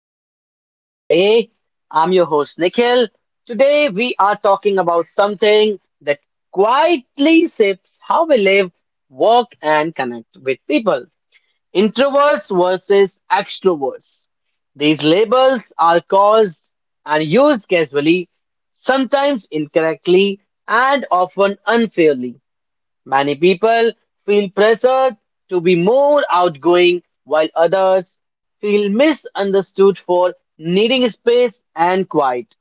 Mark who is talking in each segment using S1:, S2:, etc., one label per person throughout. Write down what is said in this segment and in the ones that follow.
S1: Pause and Play. I'm your host, Nikhil. Today, we are talking about something that quietly shapes how we live, work, and connect with people: introverts versus extroverts. These labels are caused and used casually, sometimes incorrectly, and often unfairly. Many people feel pressured to be more outgoing, while others feel misunderstood for needing space and quiet.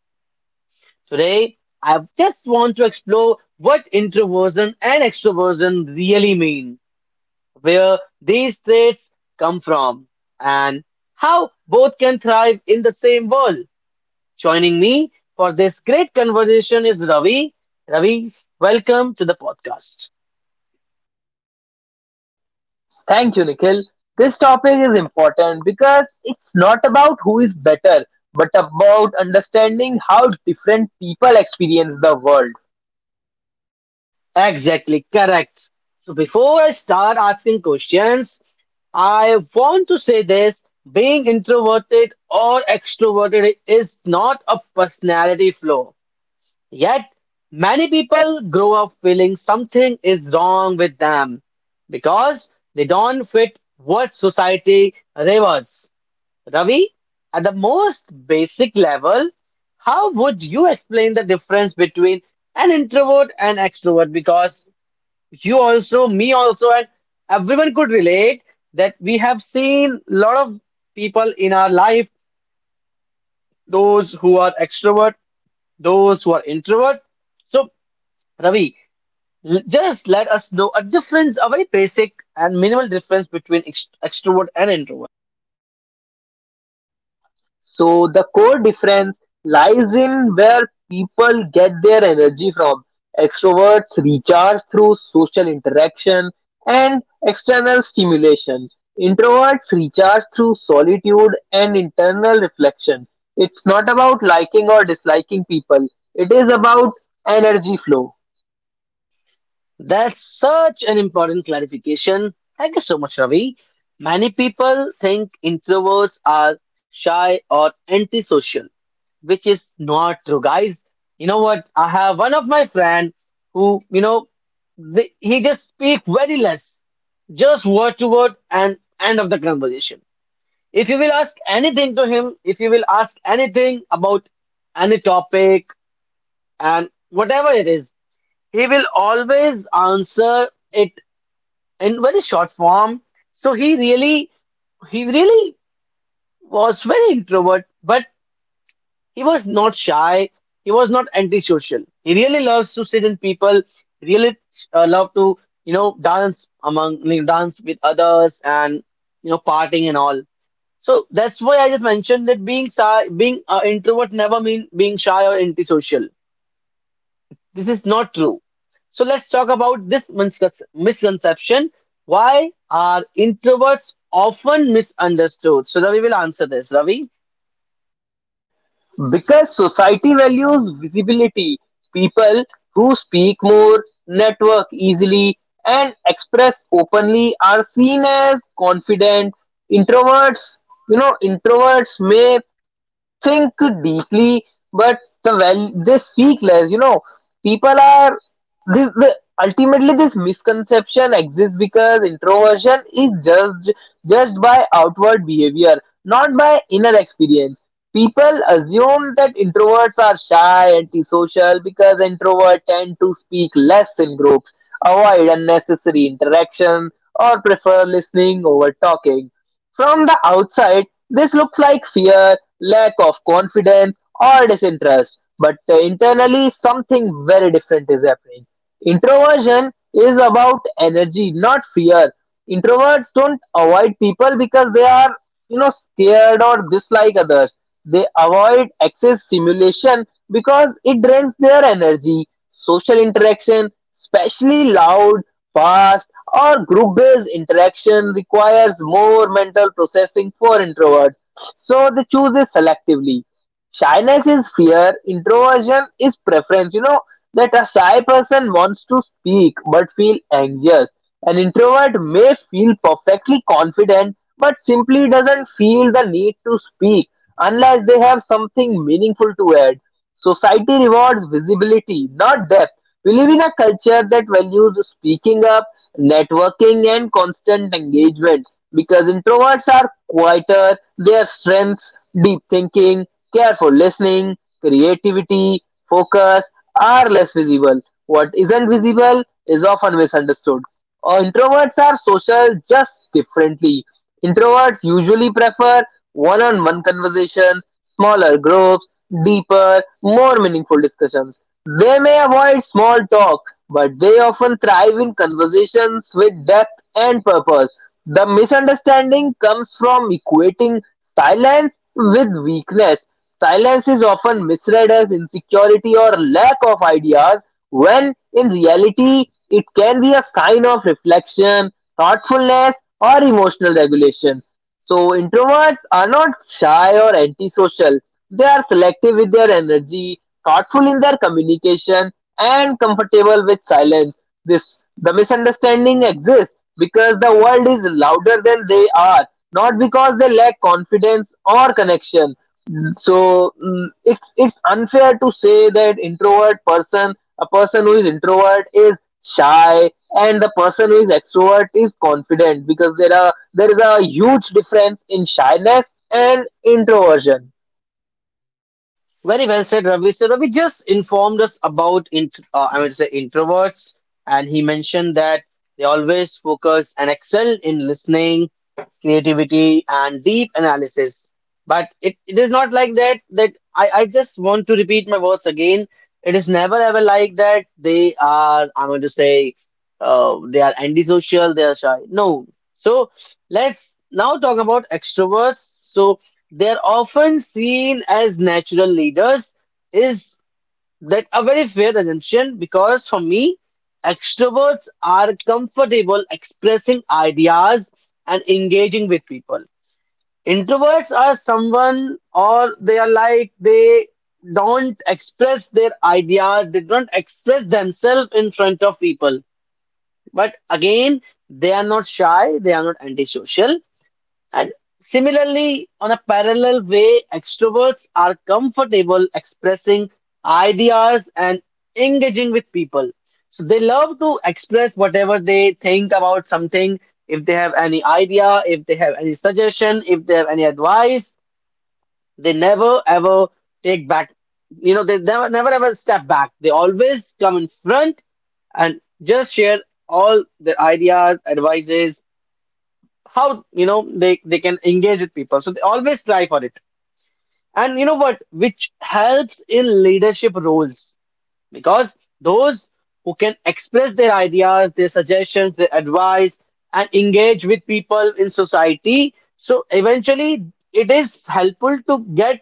S1: Today, I just want to explore what introversion and extroversion really mean, where these traits come from, and how both can thrive in the same world. Joining me for this great conversation is Ravi. Ravi, welcome to the podcast.
S2: Thank you, Nikhil. This topic is important because it's not about who is better, but about understanding how different people experience the world.
S1: Exactly, correct. So before I start asking questions, I want to say this: being introverted or extroverted is not a personality flaw. Yet, many people grow up feeling something is wrong with them because they don't fit what society rewards. Ravi, at the most basic level, how would you explain the difference between an introvert and extrovert? Because you also, me also, and everyone could relate that we have seen a lot of people in our life, those who are extrovert, those who are introvert. So, Ravi, just let us know a difference, a very basic and minimal difference between extrovert and introvert.
S2: So the core difference lies in where people get their energy from. Extroverts recharge through social interaction and external stimulation. Introverts recharge through solitude and internal reflection. It's not about liking or disliking people, it is about energy flow.
S1: That's such an important clarification. Thank you so much, Ravi. Many people think introverts are shy or antisocial, which is not true, guys. You know what? I have one of my friend who he just speak very less, just word to word and end of the conversation. If you will ask anything to him, if you will ask anything about any topic and whatever it is, he will always answer it in very short form. So he really was very introvert, but he was not shy. He was not antisocial. He really loves to sit in people. Really love to dance among like, dance with others and partying and all. So that's why I just mentioned that being shy, being introvert never mean being shy or antisocial. This is not true. So let's talk about this misconception. Why are introverts often misunderstood? So Ravi will answer this. Ravi.
S2: Because society values visibility, people who speak more, network easily, and express openly are seen as confident. Introverts, introverts may think deeply, but the well they speak less. You know, people are this the ultimately this misconception exists because introversion is judged by outward behavior, not by inner experience. People assume that introverts are shy, antisocial because introverts tend to speak less in groups, avoid unnecessary interaction, or prefer listening over talking. From the outside, this looks like fear, lack of confidence, or disinterest. But internally, something very different is happening. Introversion is about energy, not fear. Introverts don't avoid people because they are scared or dislike others, they avoid excess stimulation because it drains their energy. Social interaction, especially loud, fast, or group based interaction requires more mental processing for introverts, so they choose it selectively. Shyness is fear, introversion is preference. You know that a shy person wants to speak but feel anxious. An introvert may feel perfectly confident but simply doesn't feel the need to speak unless they have something meaningful to add. Society rewards visibility, not depth. We live in a culture that values speaking up, networking, and constant engagement. Because introverts are quieter, their strengths, deep thinking, careful listening, creativity, focus, are less visible. What isn't visible is often misunderstood. Introverts are social, just differently. Introverts usually prefer one on one conversations, smaller groups, deeper, more meaningful discussions. They may avoid small talk, but they often thrive in conversations with depth and purpose. The misunderstanding comes from equating silence with weakness. Silence is often misread as insecurity or lack of ideas, when in reality it can be a sign of reflection, thoughtfulness, or emotional regulation. So, introverts are not shy or antisocial, they are selective with their energy, thoughtful in their communication, and comfortable with silence. This the misunderstanding exists because the world is louder than they are, not because they lack confidence or connection. So it's unfair to say that introvert person, a person who is introvert is shy, and the person who is extrovert is confident, because there is a huge difference in shyness and introversion.
S1: Very well said, Ravi. So Ravi just informed us about int I would say introverts, and he mentioned that they always focus and excel in listening, creativity, and deep analysis. But it is not like that. That I just want to repeat my words again. It is never ever like that. They are I'm going to say they are antisocial. They are shy. No. So let's now talk about extroverts. So they're often seen as natural leaders. Is that a very fair assumption? Because for me, extroverts are comfortable expressing ideas and engaging with people. Introverts are someone, or they are like they don't express their ideas, they don't express themselves in front of people. But again, they are not shy, they are not antisocial. And similarly, on a parallel way, extroverts are comfortable expressing ideas and engaging with people. So they love to express whatever they think about something. If they have any idea, if they have any suggestion, if they have any advice, they never ever take back. You know, they never, never ever step back. They always come in front and just share all their ideas, advices, how they can engage with people, so they always try for it. And you know what, which helps in leadership roles, because those who can express their ideas, their suggestions, their advice, and engage with people in society, so eventually it is helpful to get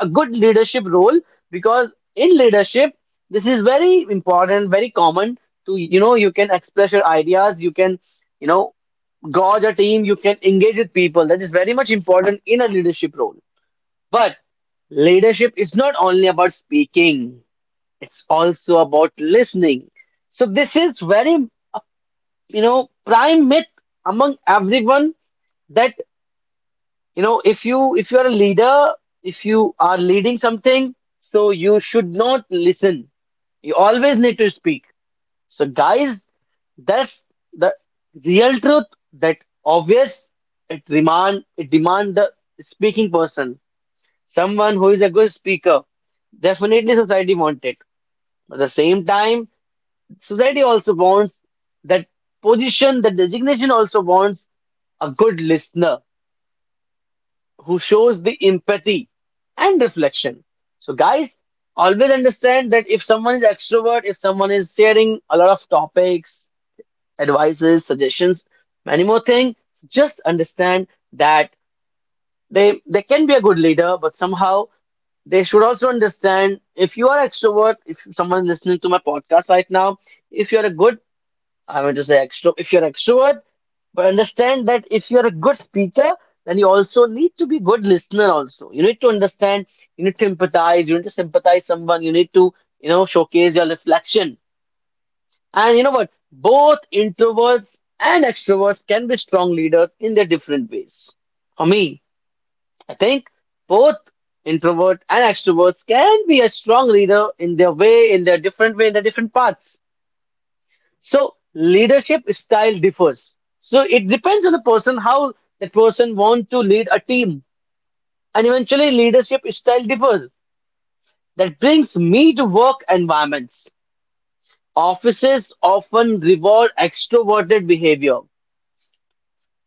S1: a good leadership role. Because in leadership, this is very important, very common, to you can express your ideas, you can you know gauge a team, you can engage with people. That is very much important in a leadership role. But leadership is not only about speaking, it's also about listening. So this is very, uh, prime myth among everyone that, if you are a leader, if you are leading something, so you should not listen. You always need to speak. So, guys, that's the real truth. That obvious. It demand the speaking person, someone who is a good speaker. Definitely, society wants it. At the same time, society also wants that position, that designation also wants a good listener who shows the empathy and reflection. So, guys, always understand that if someone is extrovert, if someone is sharing a lot of topics, advices, suggestions, many more things. Just understand that they can be a good leader, but somehow they should also understand if you are extrovert, if someone listening to my podcast right now, if you're a good, I want to say if you're extrovert, but understand that if you're a good speaker, then you also need to be good listener also. You need to understand, you need to empathize, you need to sympathize someone, you need to, showcase your reflection. And you know what? Both introverts and extroverts can be strong leaders in their different ways. For me, I think both introvert and extroverts can be a strong leader in their way, in their different way, in their different paths. So leadership style differs. So it depends on the person how that person want to lead a team. And eventually leadership style differs. That brings me to work environments. Offices often reward extroverted behavior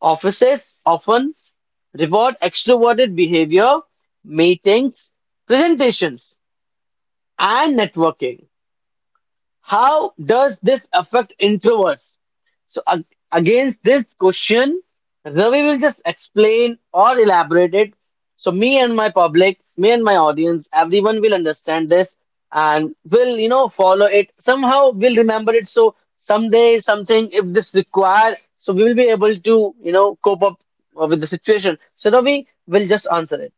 S1: Offices often reward extroverted behavior, meetings, presentations, and networking. How does this affect introverts? So, against this question, Ravi will just explain or elaborate it. So, me and my public, me and my audience, everyone will understand this and will, follow it. Somehow, we'll remember it. So, someday, something, if this required, so we will be able to, cope up with the situation. So, Ravi will just answer it.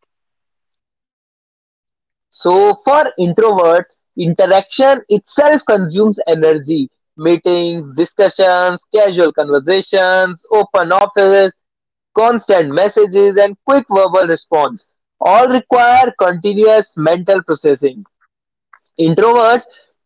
S2: So for introverts, interaction itself consumes energy. Meetings, discussions, casual conversations, open offices, constant messages, and quick verbal response all require continuous mental processing. Introverts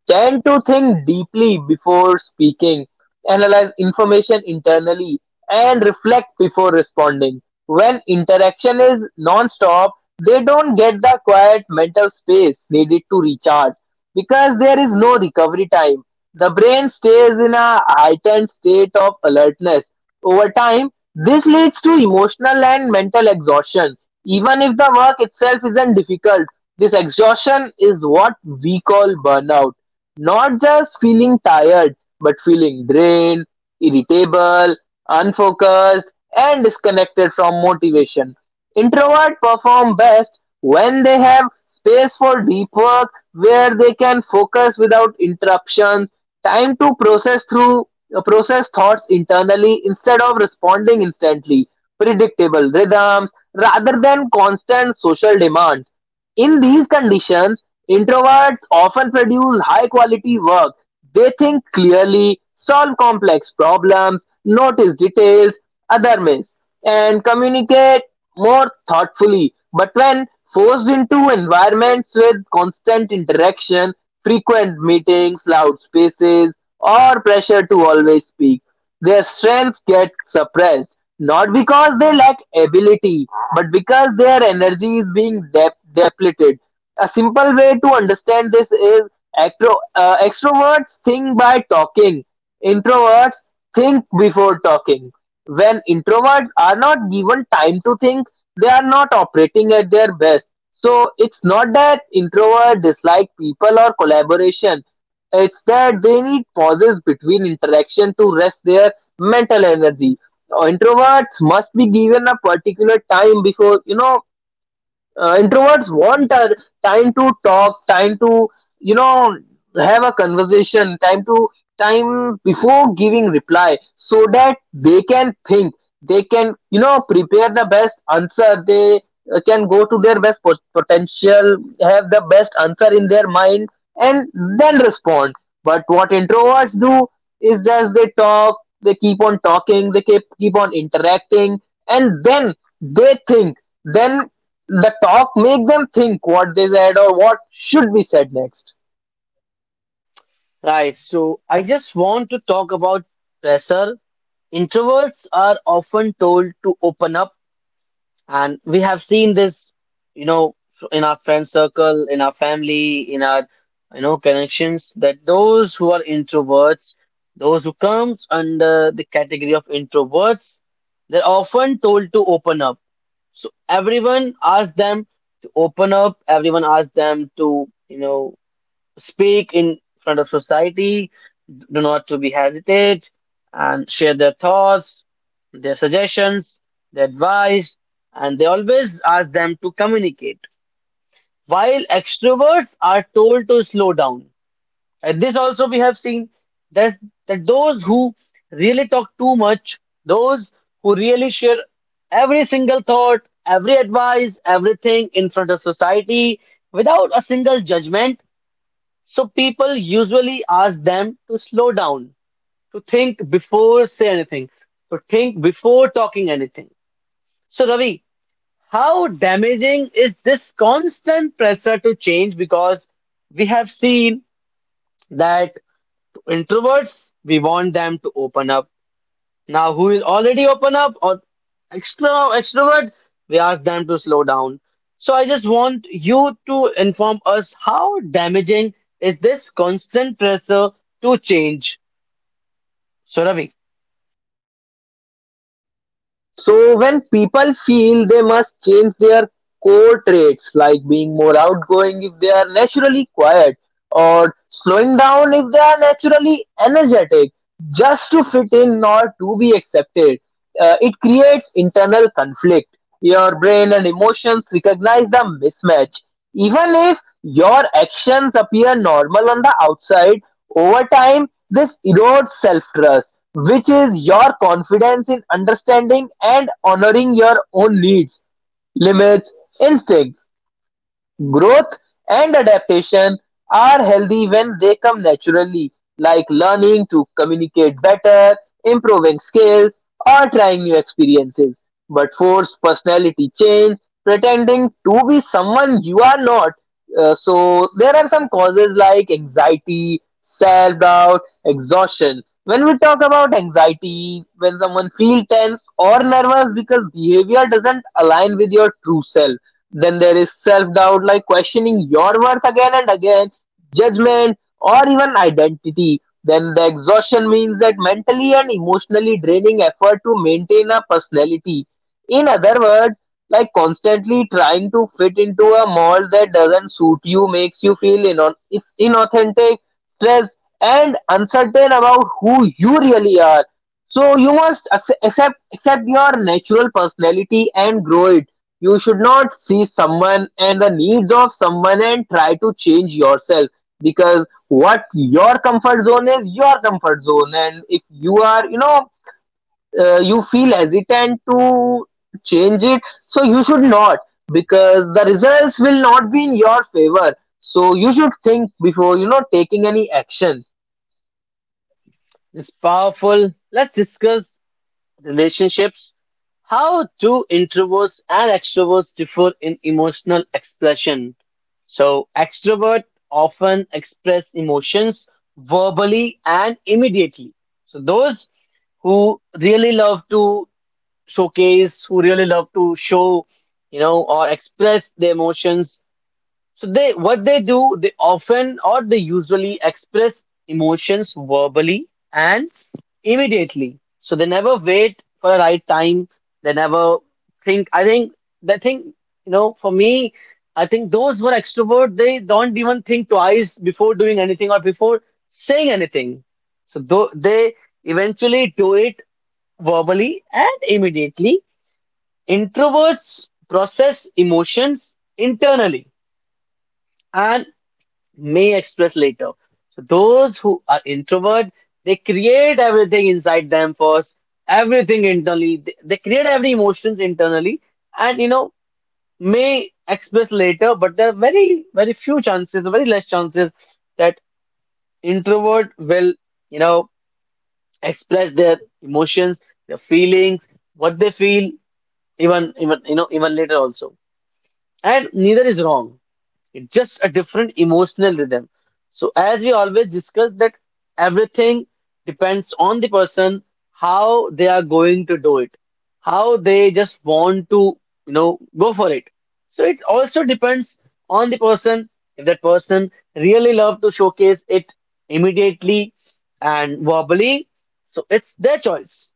S2: tend to think deeply before speaking, analyze information internally, and reflect before responding. When interaction is non-stop, they don't get the quiet mental space needed to recharge because there is no recovery time. The brain stays in a heightened state of alertness. Over time, this leads to emotional and mental exhaustion, even if the work itself isn't difficult. This exhaustion is what we call burnout, not just feeling tired, but feeling drained, irritable, unfocused, and disconnected from motivation. Introverts perform best when they have space for deep work where they can focus without interruption, time to process thoughts internally instead of responding instantly, predictable rhythms rather than constant social demands. In these conditions, introverts often produce high quality work. They think clearly, solve complex problems, notice details other miss, and communicate more thoughtfully. But when forced into environments with constant interaction, frequent meetings, loud spaces, or pressure to always speak, their strength gets suppressed, not because they lack ability, but because their energy is being depleted. A simple way to understand this is extroverts think by talking, introverts think before talking. When introverts are not given time to think, they are not operating at their best. So it's not that introverts dislike people or collaboration. It's that they need pauses between interaction to rest their mental energy. Introverts must be given a particular time before, introverts want a time to talk, time to you know have a conversation, time before giving reply so that they can think, they can prepare the best answer, they can go to their best potential, have the best answer in their mind, and then respond. But what introverts do is just they talk, they keep on talking, they keep on interacting, and then they think. Then the talk make them think what they said or what should be said next.
S1: Right. So, I just want to talk about pressure. Introverts are often told to open up, and we have seen this, you know, in our friend circle, in our family, in our, connections, that those who are introverts, those who comes under the category of introverts, they're often told to open up. So everyone asks them to open up, everyone asks them to, speak in front of society, do not to be hesitate, and share their thoughts, their suggestions, their advice, and they always ask them to communicate. While extroverts are told to slow down, and this also we have seen that that those who really talk too much, those who really share every single thought, every advice, everything in front of society without a single judgment, so people usually ask them to slow down, to think before say anything, to think before talking anything. So Ravi, how damaging is this constant pressure to change? Because we have seen that introverts, we want them to open up. Now, who will already open up? Or extrovert, we ask them to slow down. So I just want you to inform us how damaging is this constant pressure to change. So Ravi.
S2: So when people feel they must change their core traits, like being more outgoing if they are naturally quiet or slowing down if they are naturally energetic, just to fit in or to be accepted, it creates internal conflict. Your brain and emotions recognize the mismatch, even if your actions appear normal on the outside. Over time, this erodes self-trust, which is your confidence in understanding and honoring your own needs, limits, instincts. Growth and adaptation are healthy when they come naturally, like learning to communicate better, improving skills, or trying new experiences. But forced personality change, pretending to be someone you are not. So there are some causes like anxiety, self doubt, exhaustion. When we talk about anxiety, when someone feels tense or nervous because behavior doesn't align with your true self, then there is self doubt, like questioning your worth again and again, judgment, or even identity. Then the exhaustion means that mentally and emotionally draining effort to maintain a personality. In other words, like constantly trying to fit into a mold that doesn't suit you makes you feel inauthentic, stressed, and uncertain about who you really are. So you must accept your natural personality and grow it. You should not see someone and the needs of someone and try to change yourself, because what your comfort zone is your comfort zone. And if you are you feel hesitant to change it, so you should not, because the results will not be in your favor. So you should think before taking any action.
S1: It's powerful. Let's discuss relationships. How do introverts and extroverts differ in emotional expression? So, extrovert often express emotions verbally and immediately. So, those who really love to showcase, who really love to show, or express their emotions, so they what they do, they often or they usually express emotions verbally and immediately. So they never wait for a right time. They never think. I think they think you know. For me, I think those who are extrovert, they don't even think twice before doing anything or before saying anything. So though they eventually do it verbally and immediately. Introverts process emotions internally and may express later. So those who are introvert, they create everything inside them first, everything internally. They create every emotions internally, and may express later. But there are very very few chances, very less chances that introvert will you know express their emotions, their feelings, what they feel, even even later also, and neither is wrong. It's just a different emotional rhythm. So as we always discuss that everything depends on the person, how they are going to do it, how they just want to go for it. So it also depends on the person. If that person really love to showcase it immediately and verbally, so it's their choice.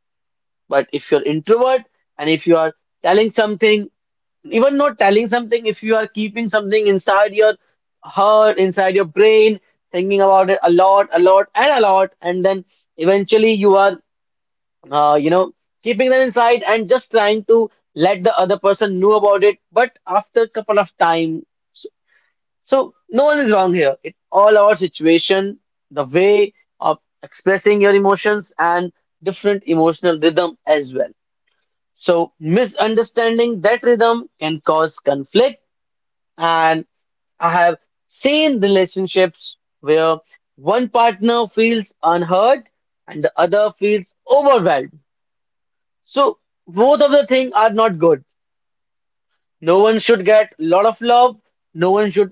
S1: But if you're introvert, and if you are telling something, even not telling something, if you are keeping something inside your heart, inside your brain, thinking about it a lot, and then eventually you are, uh, you know, keeping them inside and just trying to let the other person know about it. But after a couple of time, so, so no one is wrong here. It all our situation, the way of expressing your emotions, and different emotional rhythm as well. So, misunderstanding that rhythm can cause conflict. And I have seen relationships where one partner feels unheard and the other feels overwhelmed. So, both of the things are not good. No one should get a lot of love, no one should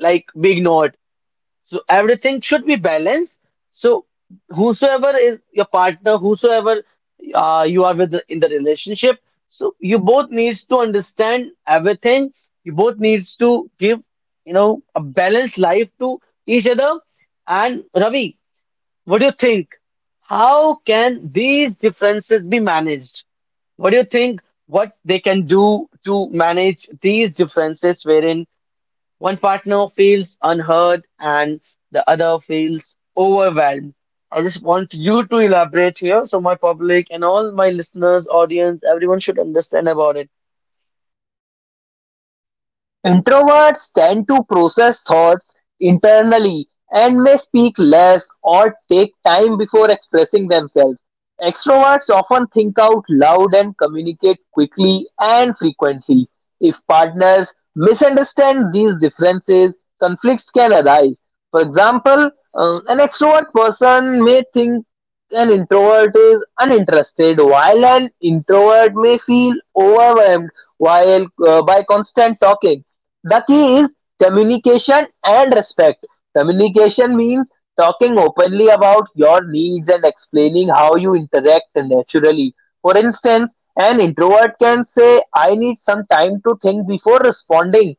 S1: like be ignored. So everything should be balanced. So whosoever is your partner, whosoever you are with in the relationship, so you both needs to understand everything. You both needs to give a balanced life to each other. And Ravi, what do you think? How can these differences be managed? What do you think? What they can do to manage these differences, wherein one partner feels unheard and the other feels overwhelmed. I just want you to elaborate here so my public and all my listeners, audience, everyone should understand about it.
S2: Introverts tend to process thoughts internally and may speak less or take time before expressing themselves. Extroverts often think out loud and communicate quickly and frequently. If partners misunderstand these differences, conflicts can arise. For example, an extrovert person may think an introvert is uninterested, while an introvert may feel overwhelmed by constant talking. The key is communication and respect. Communication means talking openly about your needs and explaining how you interact naturally. For instance, an introvert can say, "I need some time to think before responding,"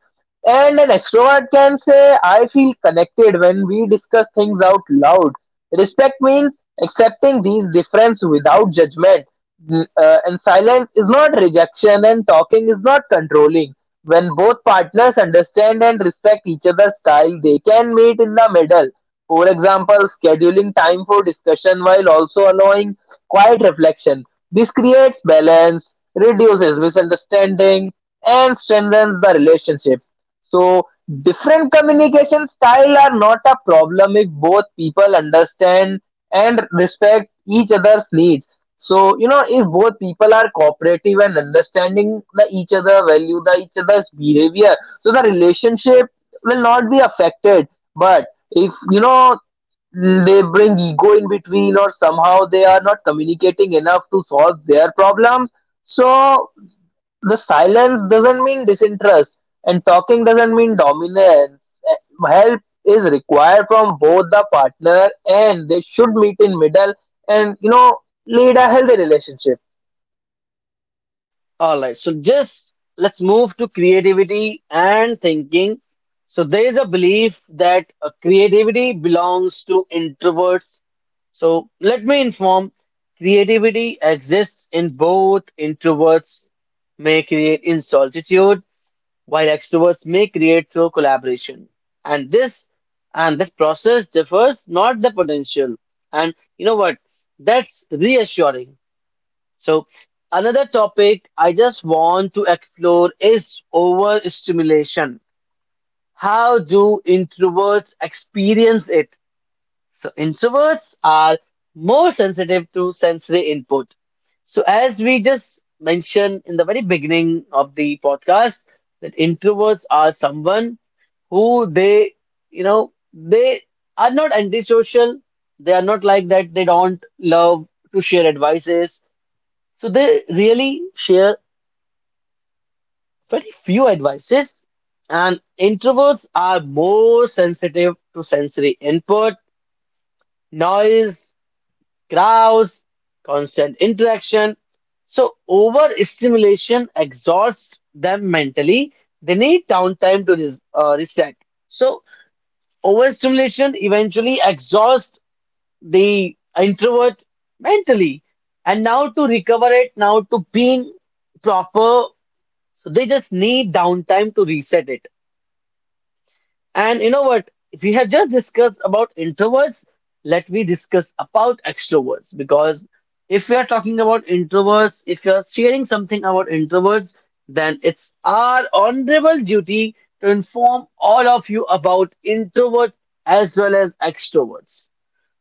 S2: and an extrovert can say, "I feel connected when we discuss things out loud." Respect means accepting these differences without judgment. And silence is not rejection, and talking is not controlling. When both partners understand and respect each other's style, they can meet in the middle. For example, scheduling time for discussion while also allowing quiet reflection. This creates balance, reduces misunderstanding, and strengthens the relationship. So different communication style are not a problem if both people understand and respect each other's needs. So you know, if both people are cooperative and understanding, the each other value the each other's behavior, so the relationship will not be affected. But if they bring ego in between, or somehow they are not communicating enough to solve their problems, so the silence doesn't mean disinterest, and talking doesn't mean dominance. Help is required from both the partner, and they should meet in middle and lead a healthy relationship.
S1: All right, so just let's move to creativity and thinking. So there is a belief that creativity belongs to introverts. So let me inform creativity exists in both introverts may create in solitude while extroverts may create through collaboration. And this and that process differs, not the potential. And you know what? That's reassuring. So, another topic I just want to explore is overstimulation. How do introverts experience it? So introverts are more sensitive to sensory input. So as we just mentioned in the very beginning of the podcast, that introverts are someone who they, you know, they are not antisocial. They are not like that. They don't love to share advices. So they really share very few advices. And introverts are more sensitive to sensory input, noise, crowds, constant interaction. So overstimulation exhausts them mentally. They need downtime to reset. So overstimulation eventually exhausts the introvert mentally. And now to recover it, now to being proper, they just need downtime to reset it. And you know what? We have just discussed about introverts. Let me discuss about extroverts because if we are talking about introverts, if you are sharing something about introverts, then it's our honorable duty to inform all of you about introvert as well as extroverts.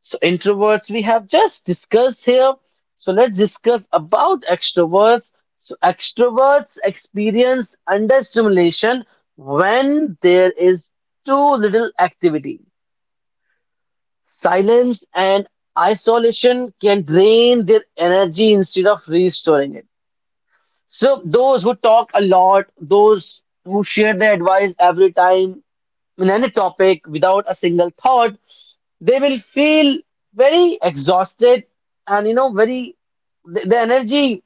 S1: So introverts we have just discussed here. So let's discuss about extroverts. So extroverts experience understimulation when there is too little activity. Silence and isolation can drain their energy instead of restoring it. So those who talk a lot, those who share their advice every time, in any topic without a single thought, they will feel very exhausted, and you know very the energy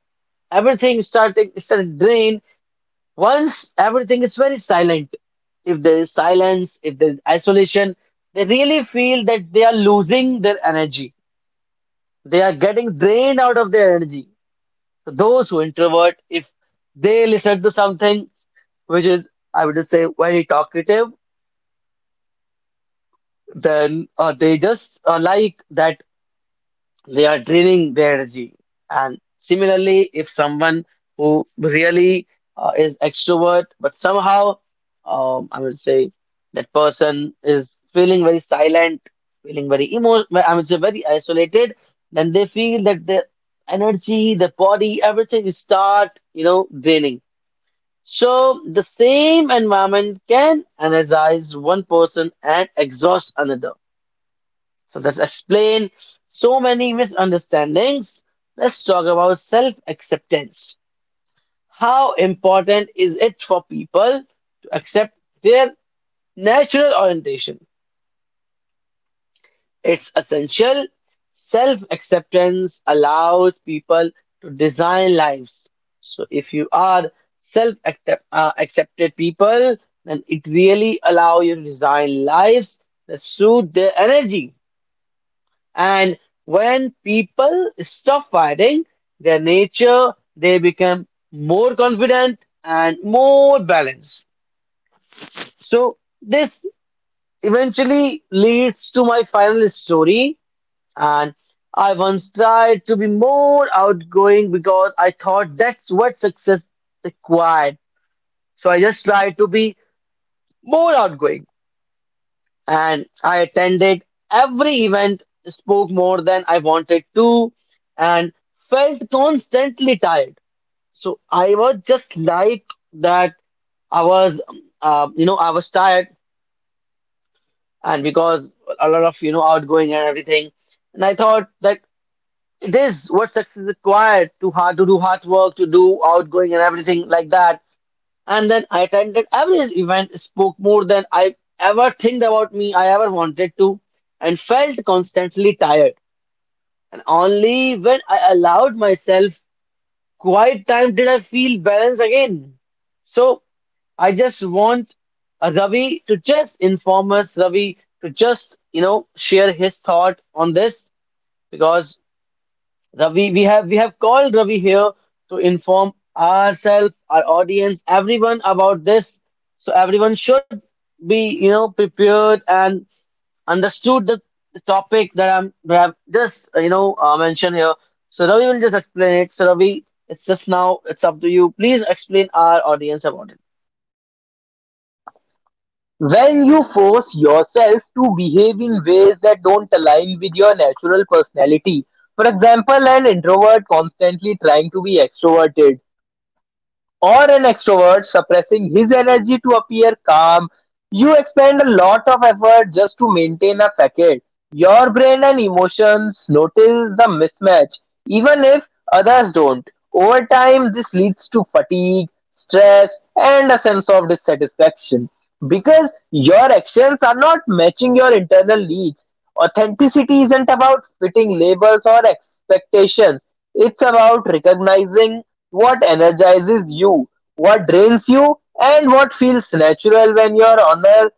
S1: everything starting started drain once everything is very silent, if there is silence, if there is isolation, they really feel that they are losing their energy, they are getting drained out of their energy. So those who introvert, if they listen to something which is, I would just say, very talkative, then they just like that, they are draining their energy. And similarly, if someone who really is extrovert, but somehow, I would say that person is feeling very silent, feeling very emo, I would say very isolated, then they feel that their energy, their body, everything is start, you know, draining. So the same environment can energize one person and exhaust another. So let's explain so many misunderstandings. Let's talk about self acceptance. How important is it for people to accept their natural orientation? It's essential. Self acceptance allows people to design lives. So if you are self accepted people, then it really allows you to design lives that suit their energy. And when people stop fighting their nature, they become more confident and more balanced. So, this eventually leads to my final story. And I once tried to be more outgoing because I thought that's what success required. So, I just tried to be more outgoing, and I attended every event, spoke more than I wanted to, and felt constantly tired. So I was just like that. I was, you know, I was tired, and because a lot of, you know, outgoing and everything, and I thought that it is what success is required to hard, to do hard work, to do outgoing and everything like that. And then I attended every event, spoke more than I ever think about me, I ever wanted to, and felt constantly tired. And only when I allowed myself quiet time did I feel balanced again. So I just want Ravi to just inform us, Ravi, to just you know share his thought on this, because Ravi, we have called Ravi here to inform ourselves, our audience, everyone about this. So everyone should be, you know, prepared and understood the topic that I've just, you know, mentioned here. So Ravi will just explain it. So Ravi, it's just now, it's up to you. Please explain our audience about it.
S2: When you force yourself to behave in ways that don't align with your natural personality, for example, an introvert constantly trying to be extroverted or an extrovert suppressing his energy to appear calm. You expend a lot of effort just to maintain a facade. Your brain and emotions notice the mismatch, even if others don't. Over time, this leads to fatigue, stress, and a sense of dissatisfaction because your actions are not matching your internal needs. Authenticity isn't about fitting labels or expectations, it's about recognizing what energizes you, what drains you, and what feels natural. When you're on honor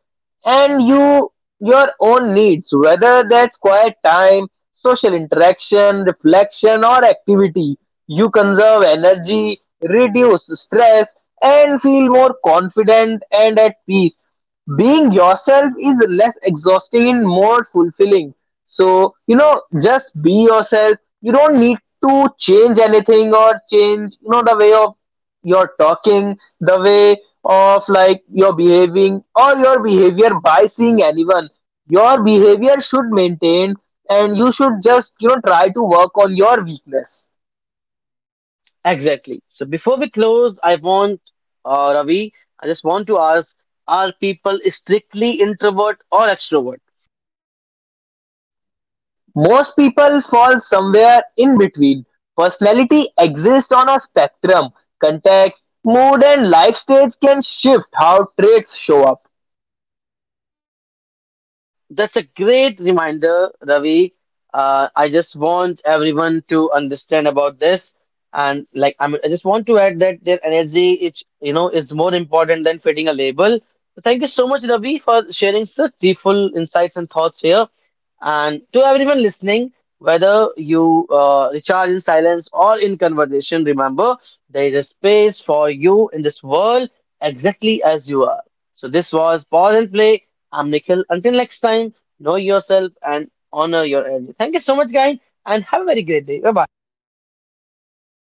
S2: and your own needs, whether that's quiet time, social interaction, reflection, or activity. You conserve energy, reduce stress, and feel more confident and at peace. Being yourself is less exhausting and more fulfilling. So, you know, just be yourself. You don't need to change anything, or change, you know, the way of your talking, the way of like your behaving or your behavior by seeing anyone. Your behavior should maintain, and you should just, you know, try to work on your weakness.
S1: Exactly. So before we close, I want Ravi, I just want to ask, are people strictly introvert or extrovert?
S2: Most people fall somewhere in between. Personality exists on a spectrum. Context, mood, and life stage can shift how traits show up.
S1: That's a great reminder, Ravi. I just want everyone to understand about this, and like I mean, I just want to add that their energy is, you know, is more important than fitting a label. Thank you so much, Ravi, for sharing such deepful insights and thoughts here. And to everyone listening, whether you recharge in silence or in conversation, remember there is a space for you in this world exactly as you are. So this was Pause and Play. I'm Nikhil. Until next time, know yourself and honor your energy. Thank you so much, guys, and have a very great day. Bye bye.